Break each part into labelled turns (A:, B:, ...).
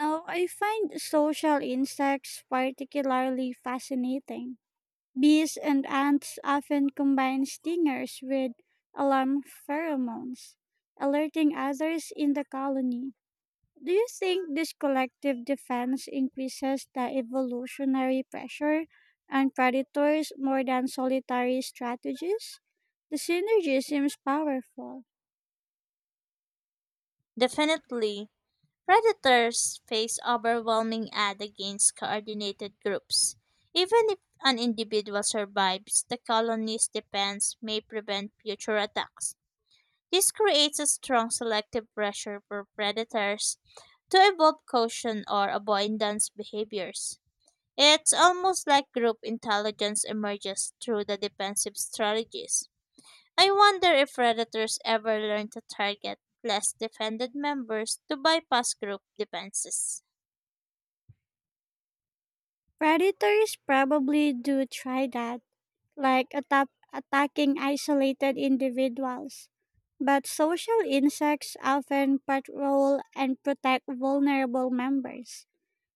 A: Now, I find social insects particularly fascinating. Bees and ants often combine stingers with alarm pheromones, alerting others in the colony. Do you think this collective defense increases the evolutionary pressure on predators more than solitary strategies? The synergy seems powerful.
B: Definitely, predators face overwhelming odds against coordinated groups. Even if an individual survives, the colony's defense may prevent future attacks. This creates a strong selective pressure for predators to evolve caution or avoidance behaviors. It's almost like group intelligence emerges through the defensive strategies. I wonder if predators ever learn to target less defended members to bypass group defenses.
A: Predators probably do try that, like attacking isolated individuals. But social insects often patrol and protect vulnerable members.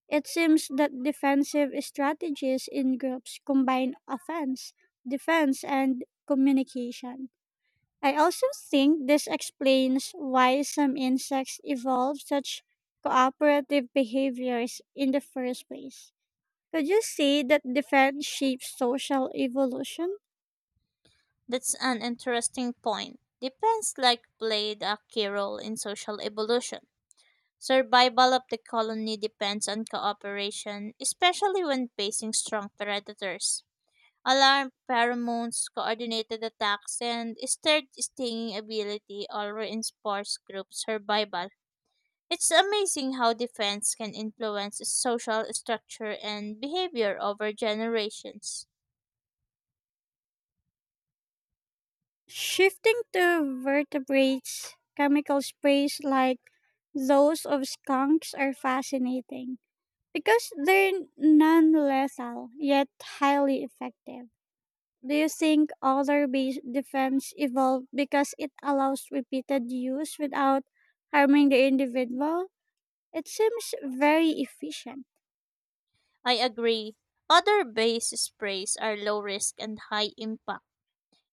A: It seems that defensive strategies in groups combine offense, defense, and communication. I also think this explains why some insects evolve such cooperative behaviors in the first place. Could you say that defense shapes social evolution?
B: That's an interesting point. Defense like played a key role in social evolution. Survival of the colony depends on cooperation, especially when facing strong predators. Alarm pheromones, coordinated attacks, and stirred stinging ability all reinforce group survival. It's amazing how defense can influence social structure and behavior over generations.
A: Shifting to vertebrates, chemical sprays like those of skunks are fascinating because they're non lethal yet highly effective. Do you think other base defense evolved because it allows repeated use without harming the individual? It seems very efficient.
B: I agree. Other base sprays are low risk and high impact.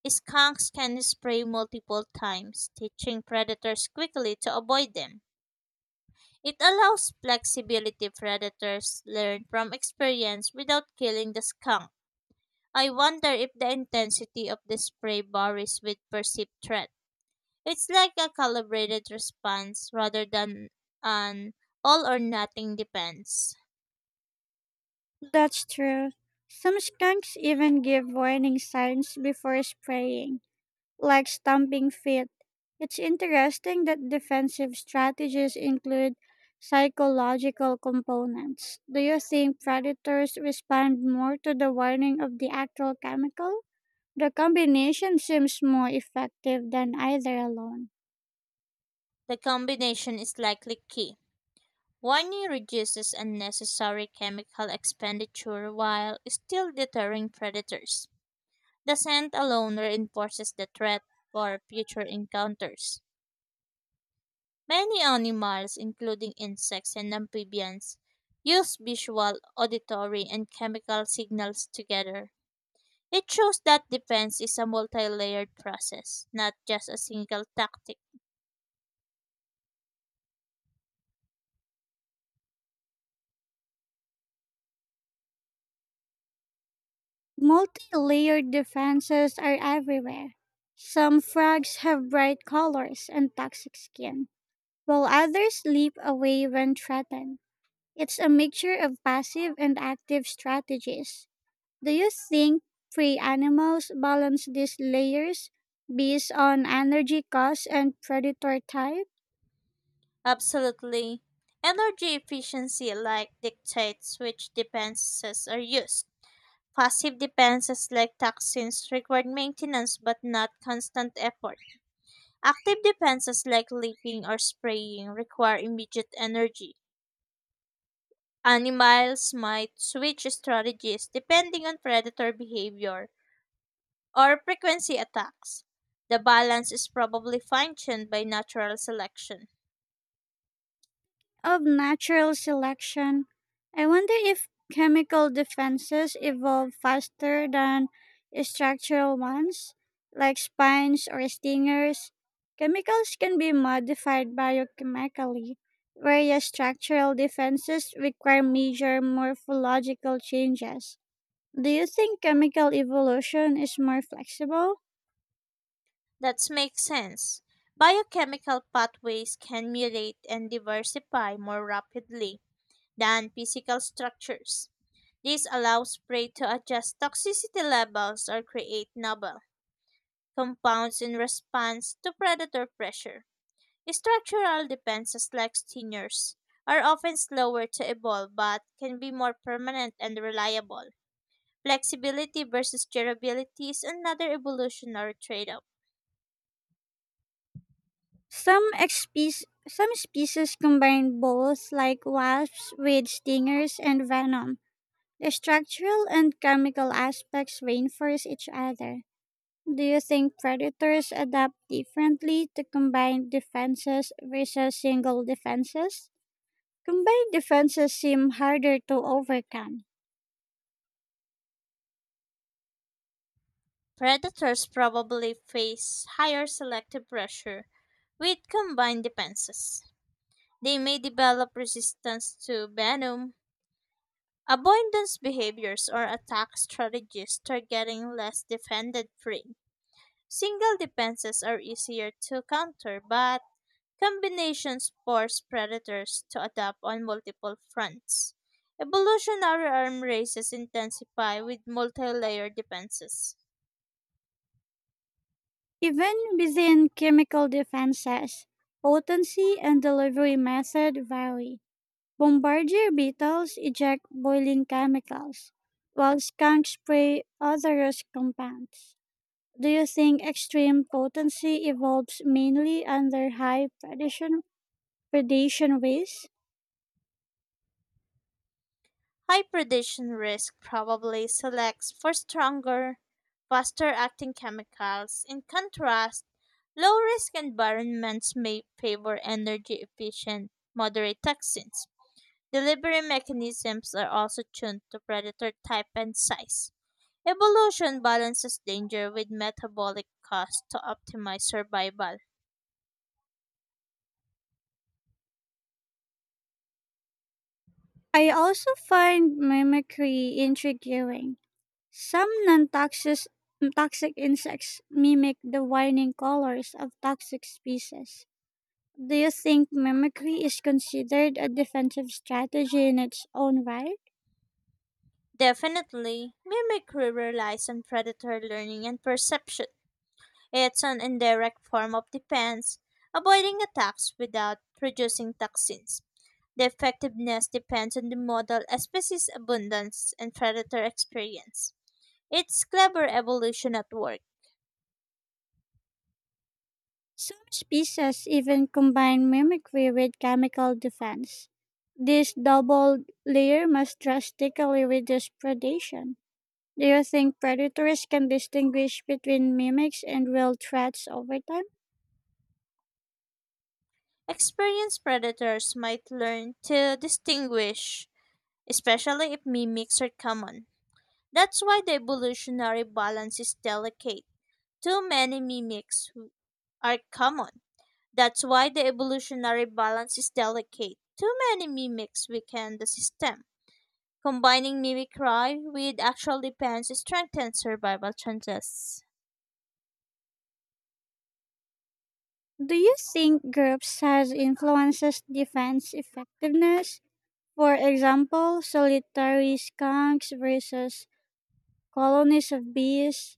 B: Skunks can spray multiple times, teaching predators quickly to avoid them. It allows flexibility predators learn from experience without killing the skunk. I wonder if the intensity of the spray varies with perceived threat. It's like a calibrated response rather than an all or nothing depends.
A: That's true. Some skunks even give warning signs before spraying, like stamping feet. It's interesting that defensive strategies include psychological components. Do you think predators respond more to the warning of the actual chemical? The combination seems more effective than either alone.
B: The combination is likely key. Warning reduces unnecessary chemical expenditure while still deterring predators. The scent alone reinforces the threat for future encounters. Many animals, including insects and amphibians, use visual, auditory, and chemical signals together. It shows that defense is a multi layered process, not just a single tactic.
A: Multi layered defenses are everywhere. Some frogs have bright colors and toxic skin, while others leap away when threatened. It's a mixture of passive and active strategies. Do you think free animals balance these layers based on energy costs and predator type?
B: Absolutely. Energy efficiency like dictates which defenses are used. Passive defenses like toxins require maintenance but not constant effort. Active defenses like leaping or spraying require immediate energy. Animals might switch strategies depending on predator behavior, or frequency attacks. The balance is probably fine-tuned by natural selection.
A: Of natural selection, I wonder if chemical defenses evolve faster than structural ones, like spines or stingers. Chemicals can be modified biochemically, whereas structural defenses require major morphological changes. Do you think chemical evolution is more flexible?
B: That makes sense. Biochemical pathways can mutate and diversify more rapidly than physical structures. This allows prey to adjust toxicity levels or create novel compounds in response to predator pressure. Structural defenses like stingers are often slower to evolve but can be more permanent and reliable. Flexibility versus durability is another evolutionary trade off.
A: Some species combine both, like wasps with stingers and venom. The structural and chemical aspects reinforce each other. Do you think predators adapt differently to combined defenses versus single defenses? Combined defenses seem harder to overcome.
B: Predators probably face higher selective pressure with combined defenses. They may develop resistance to venom, avoidance behaviors, or attack strategies targeting less defended prey. Single defenses are easier to counter, but combinations force predators to adapt on multiple fronts. Evolutionary arm races intensify with multi layer defenses.
A: Even within chemical defenses, potency and delivery method vary. Bombardier beetles eject boiling chemicals, while skunks spray odorous compounds. Do you think extreme potency evolves mainly under high predation, predation ways?
B: High predation risk probably selects for stronger, faster-acting chemicals. In contrast, low-risk environments may favor energy-efficient, moderate toxins. Delivery mechanisms are also tuned to predator type and size. Evolution balances danger with metabolic cost to optimize survival.
A: I also find mimicry intriguing. Some non-toxic toxic insects mimic the whining colors of toxic species. Do you think mimicry is considered a defensive strategy in its own right?
B: Definitely, mimicry relies on predator learning and perception. It's an indirect form of defense, avoiding attacks without producing toxins. The effectiveness depends on the model, species abundance, and predator experience. It's clever evolution at work.
A: Some species even combine mimicry with chemical defense. This double layer must drastically reduce predation. Do you think predators can distinguish between mimics and real threats over time?
B: Experienced predators might learn to distinguish, especially if mimics are common. That's why the evolutionary balance is delicate. Too many mimics are common. That's why the evolutionary balance is delicate. Too many mimics weaken the system. Combining mimicry with actual defense strengthens survival chances.
A: Do you think group size influences defense effectiveness? For example, solitary skunks versus colonies of bees.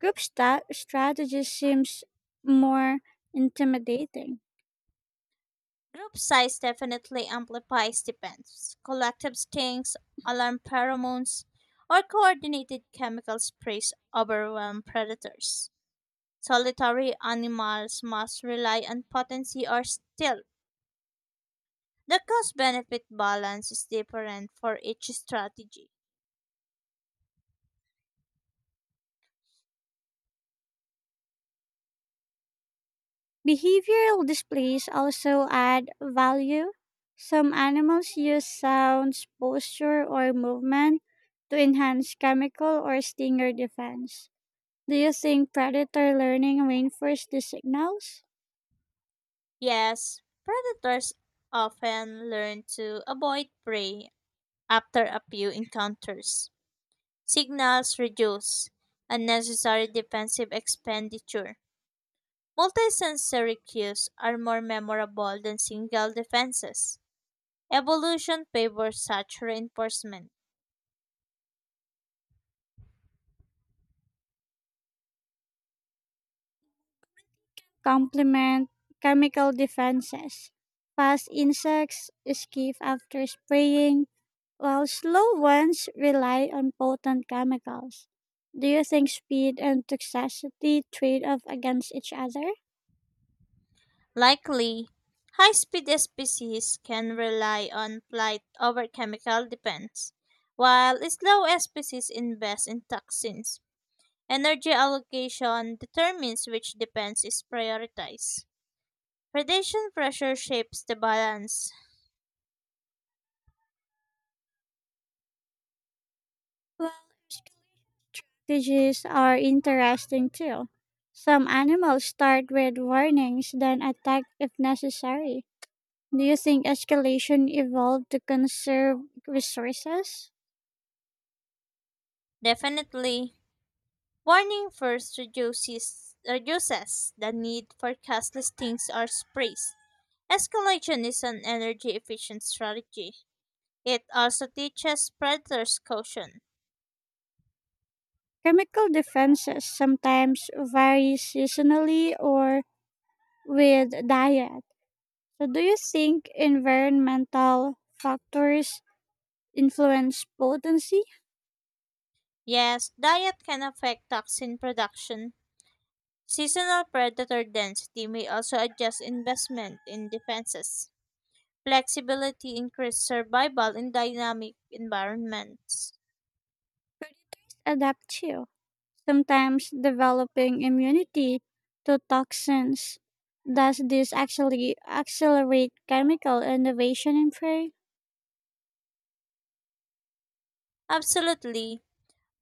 A: Strategy seems more intimidating.
B: Group size definitely amplifies defense. Collective stings, alarm pheromones, or coordinated chemical sprays overwhelm predators. Solitary animals must rely on potency or stealth. The cost benefit balance is different for each strategy.
A: Behavioral displays also add value. Some animals use sounds, posture, or movement to enhance chemical or stinger defense. Do you think predator learning reinforces the signals?
B: Yes, predators often learn to avoid prey after a few encounters. Signals reduce unnecessary defensive expenditure. Multisensory cues are more memorable than single defenses. Evolution favors such reinforcement.
A: Complement chemical defenses. Fast insects escape after spraying, while slow ones rely on potent chemicals. Do you think speed and toxicity trade off against each other?
B: Likely, high speed species can rely on flight over chemical dependence, while slow species invest in toxins. Energy allocation determines which defense is prioritized. Predation pressure shapes the balance.
A: Well, strategies are interesting too. Some animals start with warnings, then attack if necessary. Do you think escalation evolved to conserve resources?
B: Definitely, warning first reduces the need for cast listings or sprays. Escalation is an energy efficient strategy. It also teaches predators caution.
A: Chemical defenses sometimes vary seasonally or with diet. So, do you think environmental factors influence potency?
B: Yes, diet can affect toxin production. Seasonal predator density may also adjust investment in defenses. Flexibility increases survival in dynamic environments.
A: Adapt too. Sometimes developing immunity to toxins. Does this actually accelerate chemical innovation in prey?
B: Absolutely.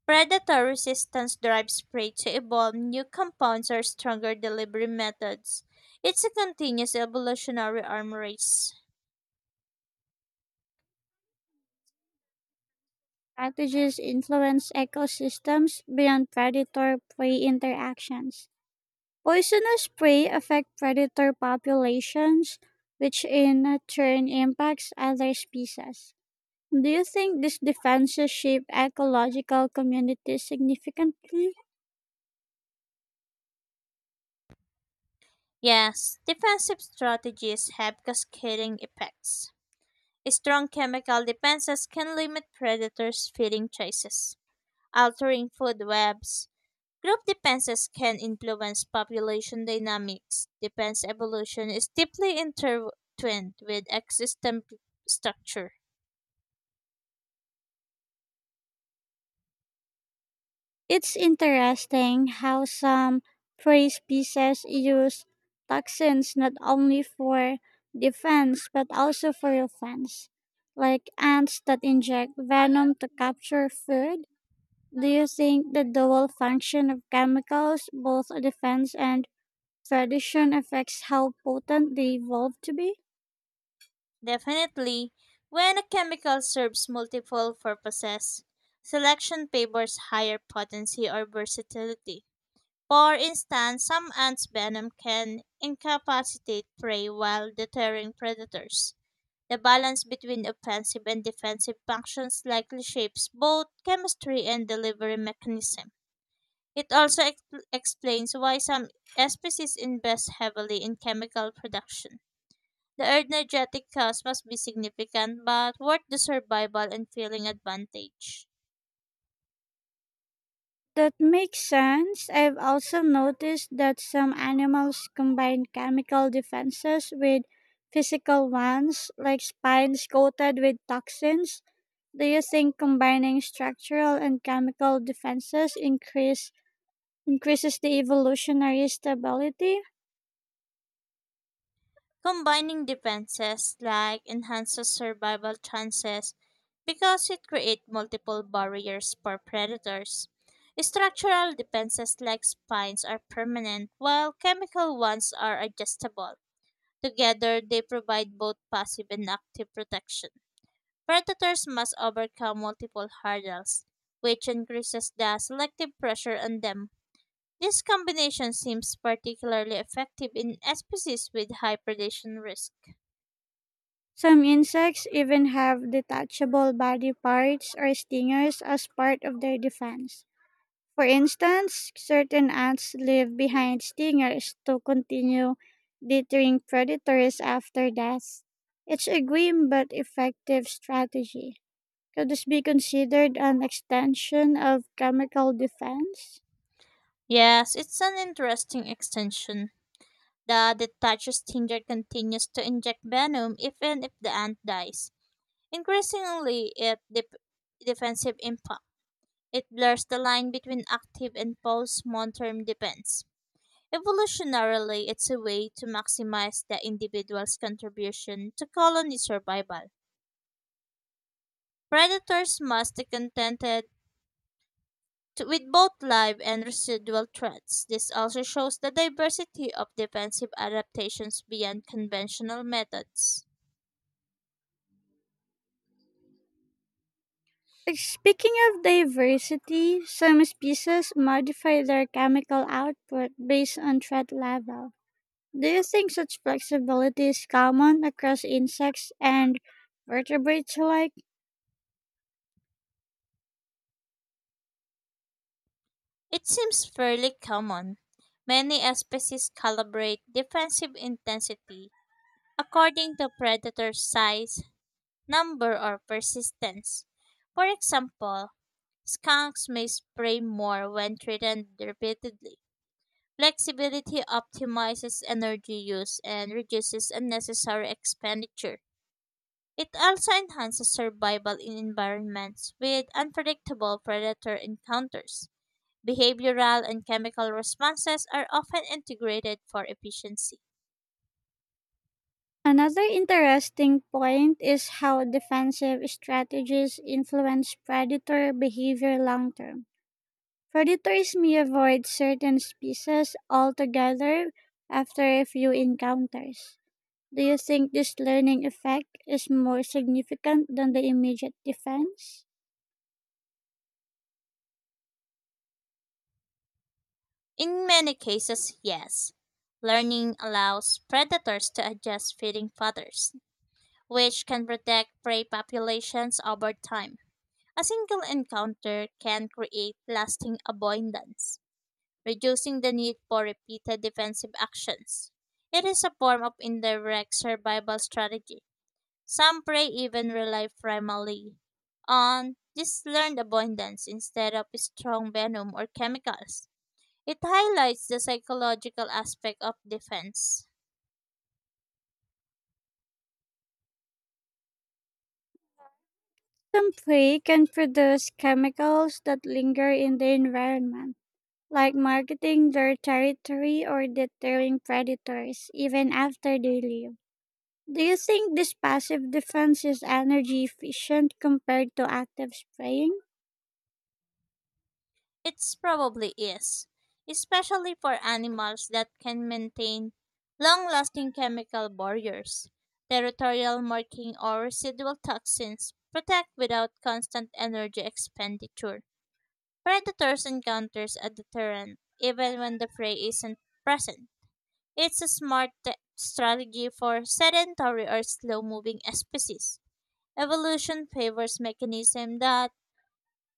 B: Predator resistance drives prey to evolve new compounds or stronger delivery methods. It's a continuous evolutionary arm race.
A: Strategies influence ecosystems beyond predator prey interactions. Poisonous prey affect predator populations, which in turn impacts other species. Do you think these defenses shape ecological communities significantly?
B: Yes, defensive strategies have cascading effects. Strong chemical defenses can limit predators' feeding choices, altering food webs. Group defenses can influence population dynamics. Defense evolution is deeply intertwined with existent structure.
A: It's interesting how some prey species use toxins not only for defense but also for offense, like ants that inject venom to capture food. Do you think the dual function of chemicals, both defense and predation, affects how potent they evolve to be?
B: Definitely, when a chemical serves multiple purposes, selection favors higher potency or versatility. For instance, some ants' venom can incapacitate prey while deterring predators. The balance between offensive and defensive functions likely shapes both chemistry and delivery mechanism. It also explains why some species invest heavily in chemical production. The energetic cost must be significant but worth the survival and feeling advantage.
A: That makes sense. I've also noticed that some animals combine chemical defenses with physical ones, like spines coated with toxins. Do you think combining structural and chemical defenses increases the evolutionary stability?
B: Combining defenses like enhances survival chances because it creates multiple barriers for predators. Structural defenses like spines are permanent, while chemical ones are adjustable. Together, they provide both passive and active protection. Predators must overcome multiple hurdles, which increases the selective pressure on them. This combination seems particularly effective in species with high predation risk.
A: Some insects even have detachable body parts or stingers as part of their defense. For instance, certain ants leave behind stingers to continue deterring predators after death. It's a grim but effective strategy. Could this be considered an extension of chemical defense?
B: Yes, it's an interesting extension. The detached stinger continues to inject venom even if the ant dies, increasingly it dep defensive impact. It blurs the line between active and post term defense. Evolutionarily, it's a way to maximize the individual's contribution to colony survival. Predators must be contented with both live and residual threats. This also shows the diversity of defensive adaptations beyond conventional methods.
A: Speaking of diversity, some species modify their chemical output based on threat level. Do you think such flexibility is common across insects and vertebrates alike?
B: It seems fairly common. Many species calibrate defensive intensity according to predator size, number, or persistence. For example, skunks may spray more when threatened repeatedly. Flexibility optimizes energy use and reduces unnecessary expenditure. It also enhances survival in environments with unpredictable predator encounters. Behavioral and chemical responses are often integrated for efficiency.
A: Another interesting point is how defensive strategies influence predator behavior long term. Predators may avoid certain species altogether after a few encounters. Do you think this learning effect is more significant than the immediate defense?
B: In many cases, yes. Learning allows predators to adjust feeding patterns, which can protect prey populations over time. A single encounter can create lasting abundance, reducing the need for repeated defensive actions. It is a form of indirect survival strategy. Some prey even rely primarily on this learned abundance instead of strong venom or chemicals. It highlights the psychological aspect of defense.
A: Some prey can produce chemicals that linger in the environment, like marketing their territory or deterring predators even after they leave. Do you think this passive defense is energy efficient compared to active spraying?
B: It's probably is, especially for animals that can maintain long lasting chemical barriers. Territorial marking or residual toxins protect without constant energy expenditure. Predators encounters a deterrent even when the prey isn't present. It's a smart strategy for sedentary or slow moving species. Evolution favors mechanisms that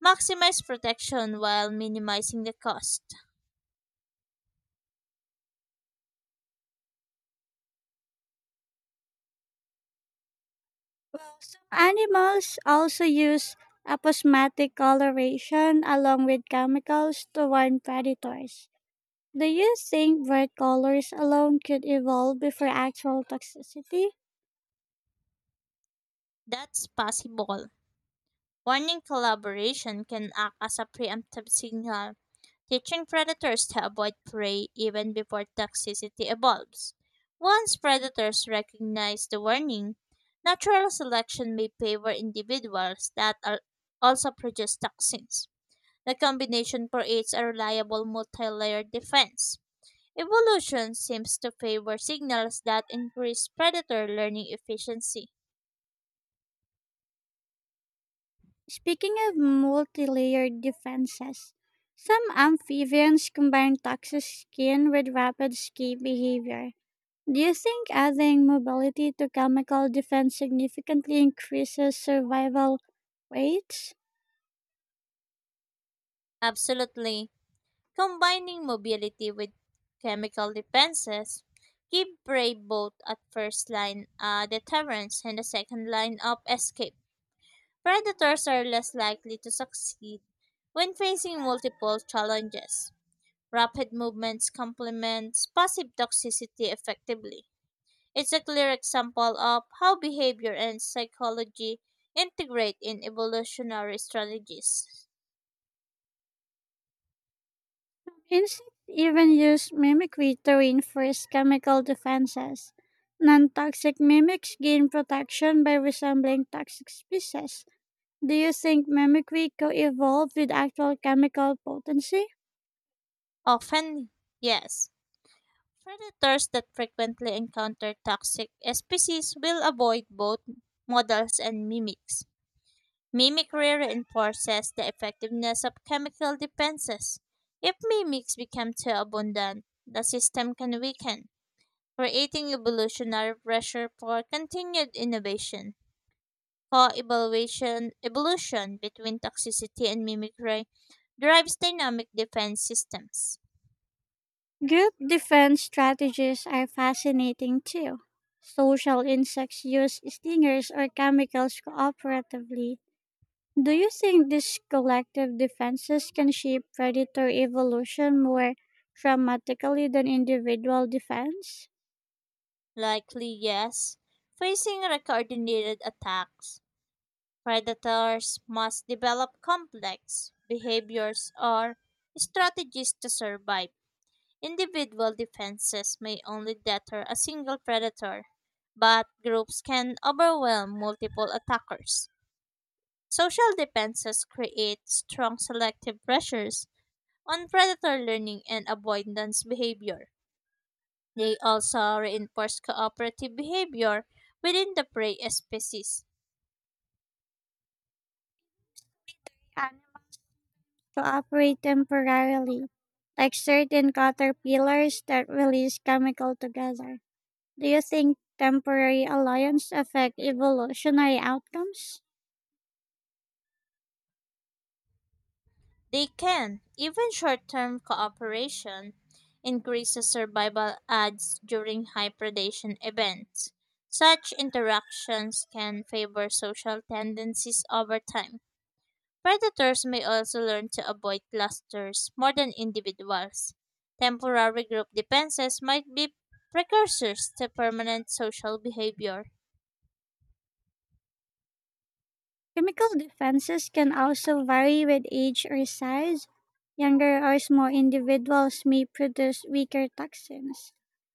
B: maximize protection while minimizing the cost.
A: Well, some animals also use aposematic coloration along with chemicals to warn predators. Do you think bright colors alone could evolve before actual toxicity?
B: That's possible. Warning collaboration can act as a preemptive signal, teaching predators to avoid prey even before toxicity evolves. Once predators recognize the warning, natural selection may favor individuals that are also produce toxins. The combination creates a reliable multi-layered defense. Evolution seems to favor signals that increase predator learning efficiency.
A: Speaking of multi layered defenses, some amphibians combine toxic skin with rapid escape behavior. Do you think adding mobility to chemical defense significantly increases survival rates?
B: Absolutely. Combining mobility with chemical defenses give prey both at first line deterrence and the second line of escape. Predators are less likely to succeed when facing multiple challenges. Rapid movements complements passive toxicity effectively. It's a clear example of how behavior and psychology integrate in evolutionary strategies.
A: Insects even use mimicry to reinforce chemical defenses. Non toxic mimics gain protection by resembling toxic species. Do you think mimicry co evolved with actual chemical potency?
B: Often, yes. Predators that frequently encounter toxic species will avoid both models and mimics. Mimicry reinforces the effectiveness of chemical defenses. If mimics become too abundant, the system can weaken, creating evolutionary pressure for continued innovation. Co-evaluation evolution between toxicity and mimicry drives dynamic defense systems.
A: Group defense strategies are fascinating too. Social insects use stingers or chemicals cooperatively. Do you think these collective defenses can shape predator evolution more dramatically than individual defense?
B: Likely, yes. Facing coordinated attacks, predators must develop complex behaviors or strategies to survive. Individual defenses may only deter a single predator, but groups can overwhelm multiple attackers. Social defenses create strong selective pressures on predator learning and avoidance behavior. They also reinforce cooperative behavior within the prey species.
A: Animals cooperate temporarily, like certain caterpillars that release chemical together. Do you think temporary alliance affect evolutionary outcomes?
B: They can, even short term cooperation, increases survival odds during high predation events. Such interactions can favor social tendencies over time. Predators may also learn to avoid clusters more than individuals. Temporary group defenses might be precursors to permanent social behavior.
A: Chemical defenses can also vary with age or size. Younger or small individuals may produce weaker toxins.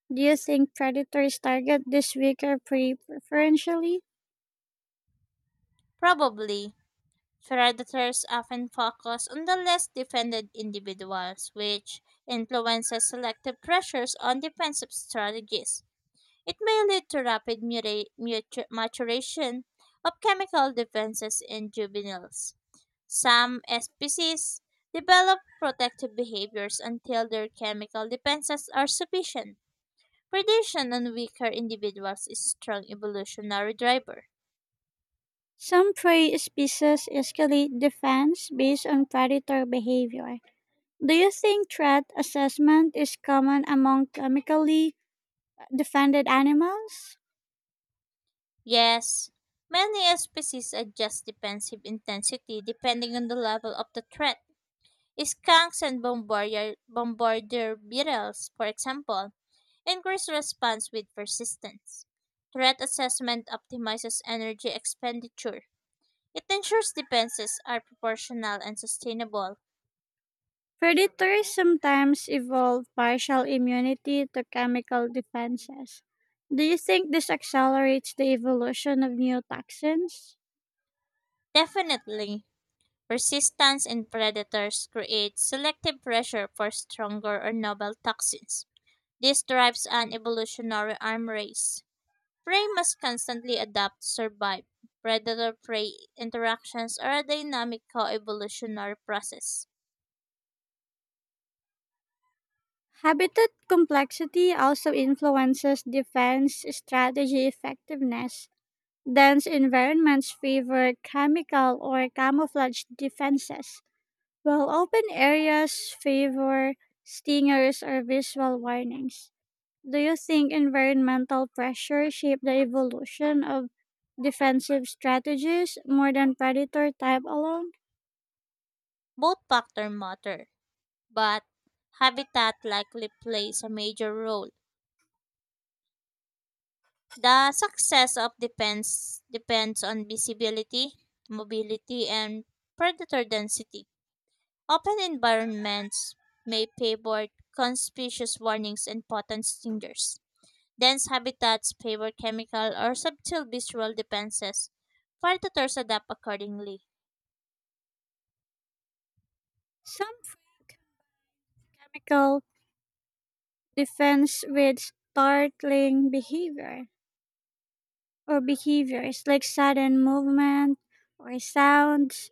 A: Do you think predators target this weaker prey preferentially?
B: Probably, predators often focus on the less defended individuals, which influences selective pressures on defensive strategies. It may lead to rapid maturation of chemical defenses in juveniles. Some species develop protective behaviors until their chemical defenses are sufficient. Predation on weaker individuals is a strong evolutionary driver.
A: Some prey species escalate defense based on predator behavior. Do you think threat assessment is common among chemically defended animals?
B: Yes, many species adjust defensive intensity depending on the level of the threat. Skunks and bombardier beetles, for example, increase response with persistence. Threat assessment optimizes energy expenditure. It ensures defenses are proportional and sustainable.
A: Predators sometimes evolve partial immunity to chemical defenses. Do you think this accelerates the evolution of new toxins?
B: Definitely, resistance in predators creates selective pressure for stronger or novel toxins. This drives an evolutionary arm race. Prey must constantly adapt to survive. Predator prey interactions are a dynamic coevolutionary process.
A: Habitat complexity also influences defense strategy effectiveness. Dense environments favor chemical or camouflage defenses, while open areas favor stingers or visual warnings. Do you think environmental pressure shaped the evolution of defensive strategies more than predator type alone?
B: Both factors matter, but habitat likely plays a major role. The success of depends on visibility, mobility, and predator density. Open environments may favor conspicuous warnings and potent stingers. Dense habitats favor chemical or subtle visual defenses. Predators adapt accordingly.
A: Some fake chemical defense with startling behavior or behaviors like sudden movement or sounds.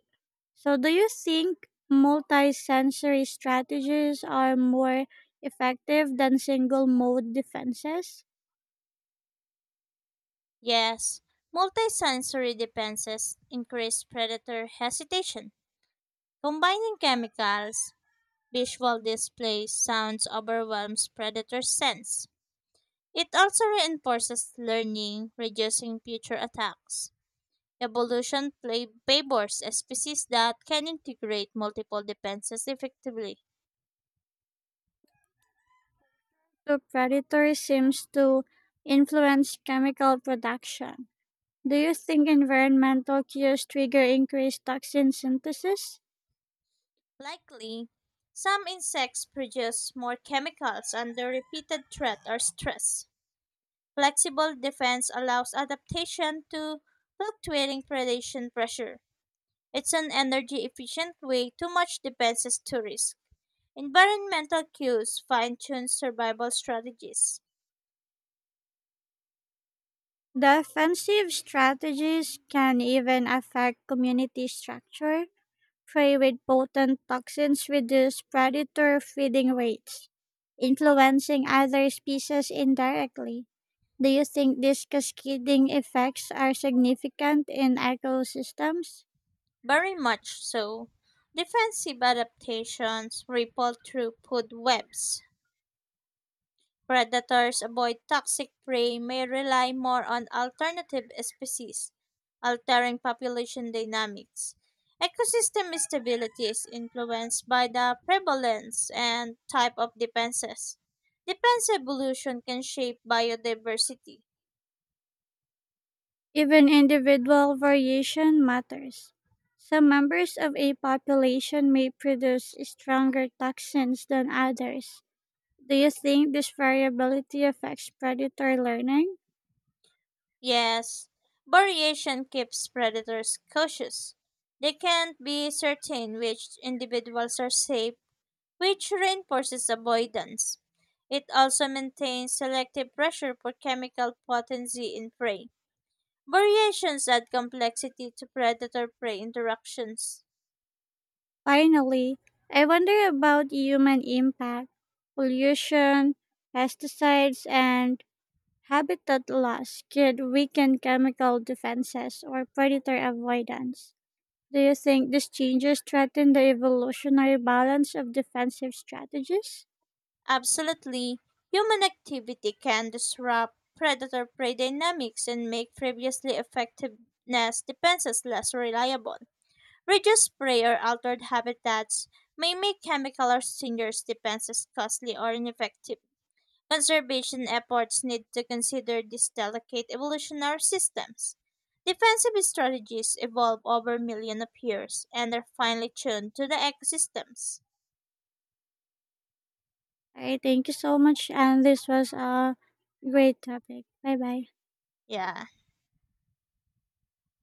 A: So do you think multi-sensory strategies are more effective than single mode defenses?
B: Yes, multisensory defenses increase predator hesitation. Combining chemicals, visual displays, sounds overwhelms predator sense. It also reinforces learning, reducing future attacks. Evolution play favors a species that can integrate multiple defenses effectively.
A: To predators seems to influence chemical production. Do you think environmental cues trigger increased toxin synthesis?
B: Likely, some insects produce more chemicals under repeated threat or stress. Flexible defense allows adaptation to fluctuating predation pressure. It's an energy efficient way to match defenses to risk. Environmental cues fine tune survival strategies.
A: Defensive strategies can even affect community structure. Prey with potent toxins reduce predator feeding rates, influencing other species indirectly. Do you think these cascading effects are significant in ecosystems?
B: Very much so. Defensive adaptations ripple through food webs. Predators avoid toxic prey may rely more on alternative species, altering population dynamics. Ecosystem stability is influenced by the prevalence and type of defenses. Defense evolution can shape biodiversity.
A: Even individual variation matters. Some members of a population may produce stronger toxins than others. Do you think this variability affects predator learning?
B: Yes, variation keeps predators cautious. They can't be certain which individuals are safe, which reinforces avoidance. It also maintains selective pressure for chemical potency in prey. Variations add complexity to predator prey interactions.
A: Finally, I wonder about human impact. Pollution, pesticides, and habitat loss could weaken chemical defenses or predator avoidance. Do you think these changes threaten the evolutionary balance of defensive strategies?
B: Absolutely, human activity can disrupt predator prey dynamics and make previously effective nest defenses less reliable. Reduced prey or altered habitats may make chemical or singer's defenses costly or ineffective. Conservation efforts need to consider these delicate evolutionary systems. Defensive strategies evolve over millions of years and are finely tuned to the ecosystems.
A: I thank you so much, and this was a great topic. Bye bye.
B: Yeah.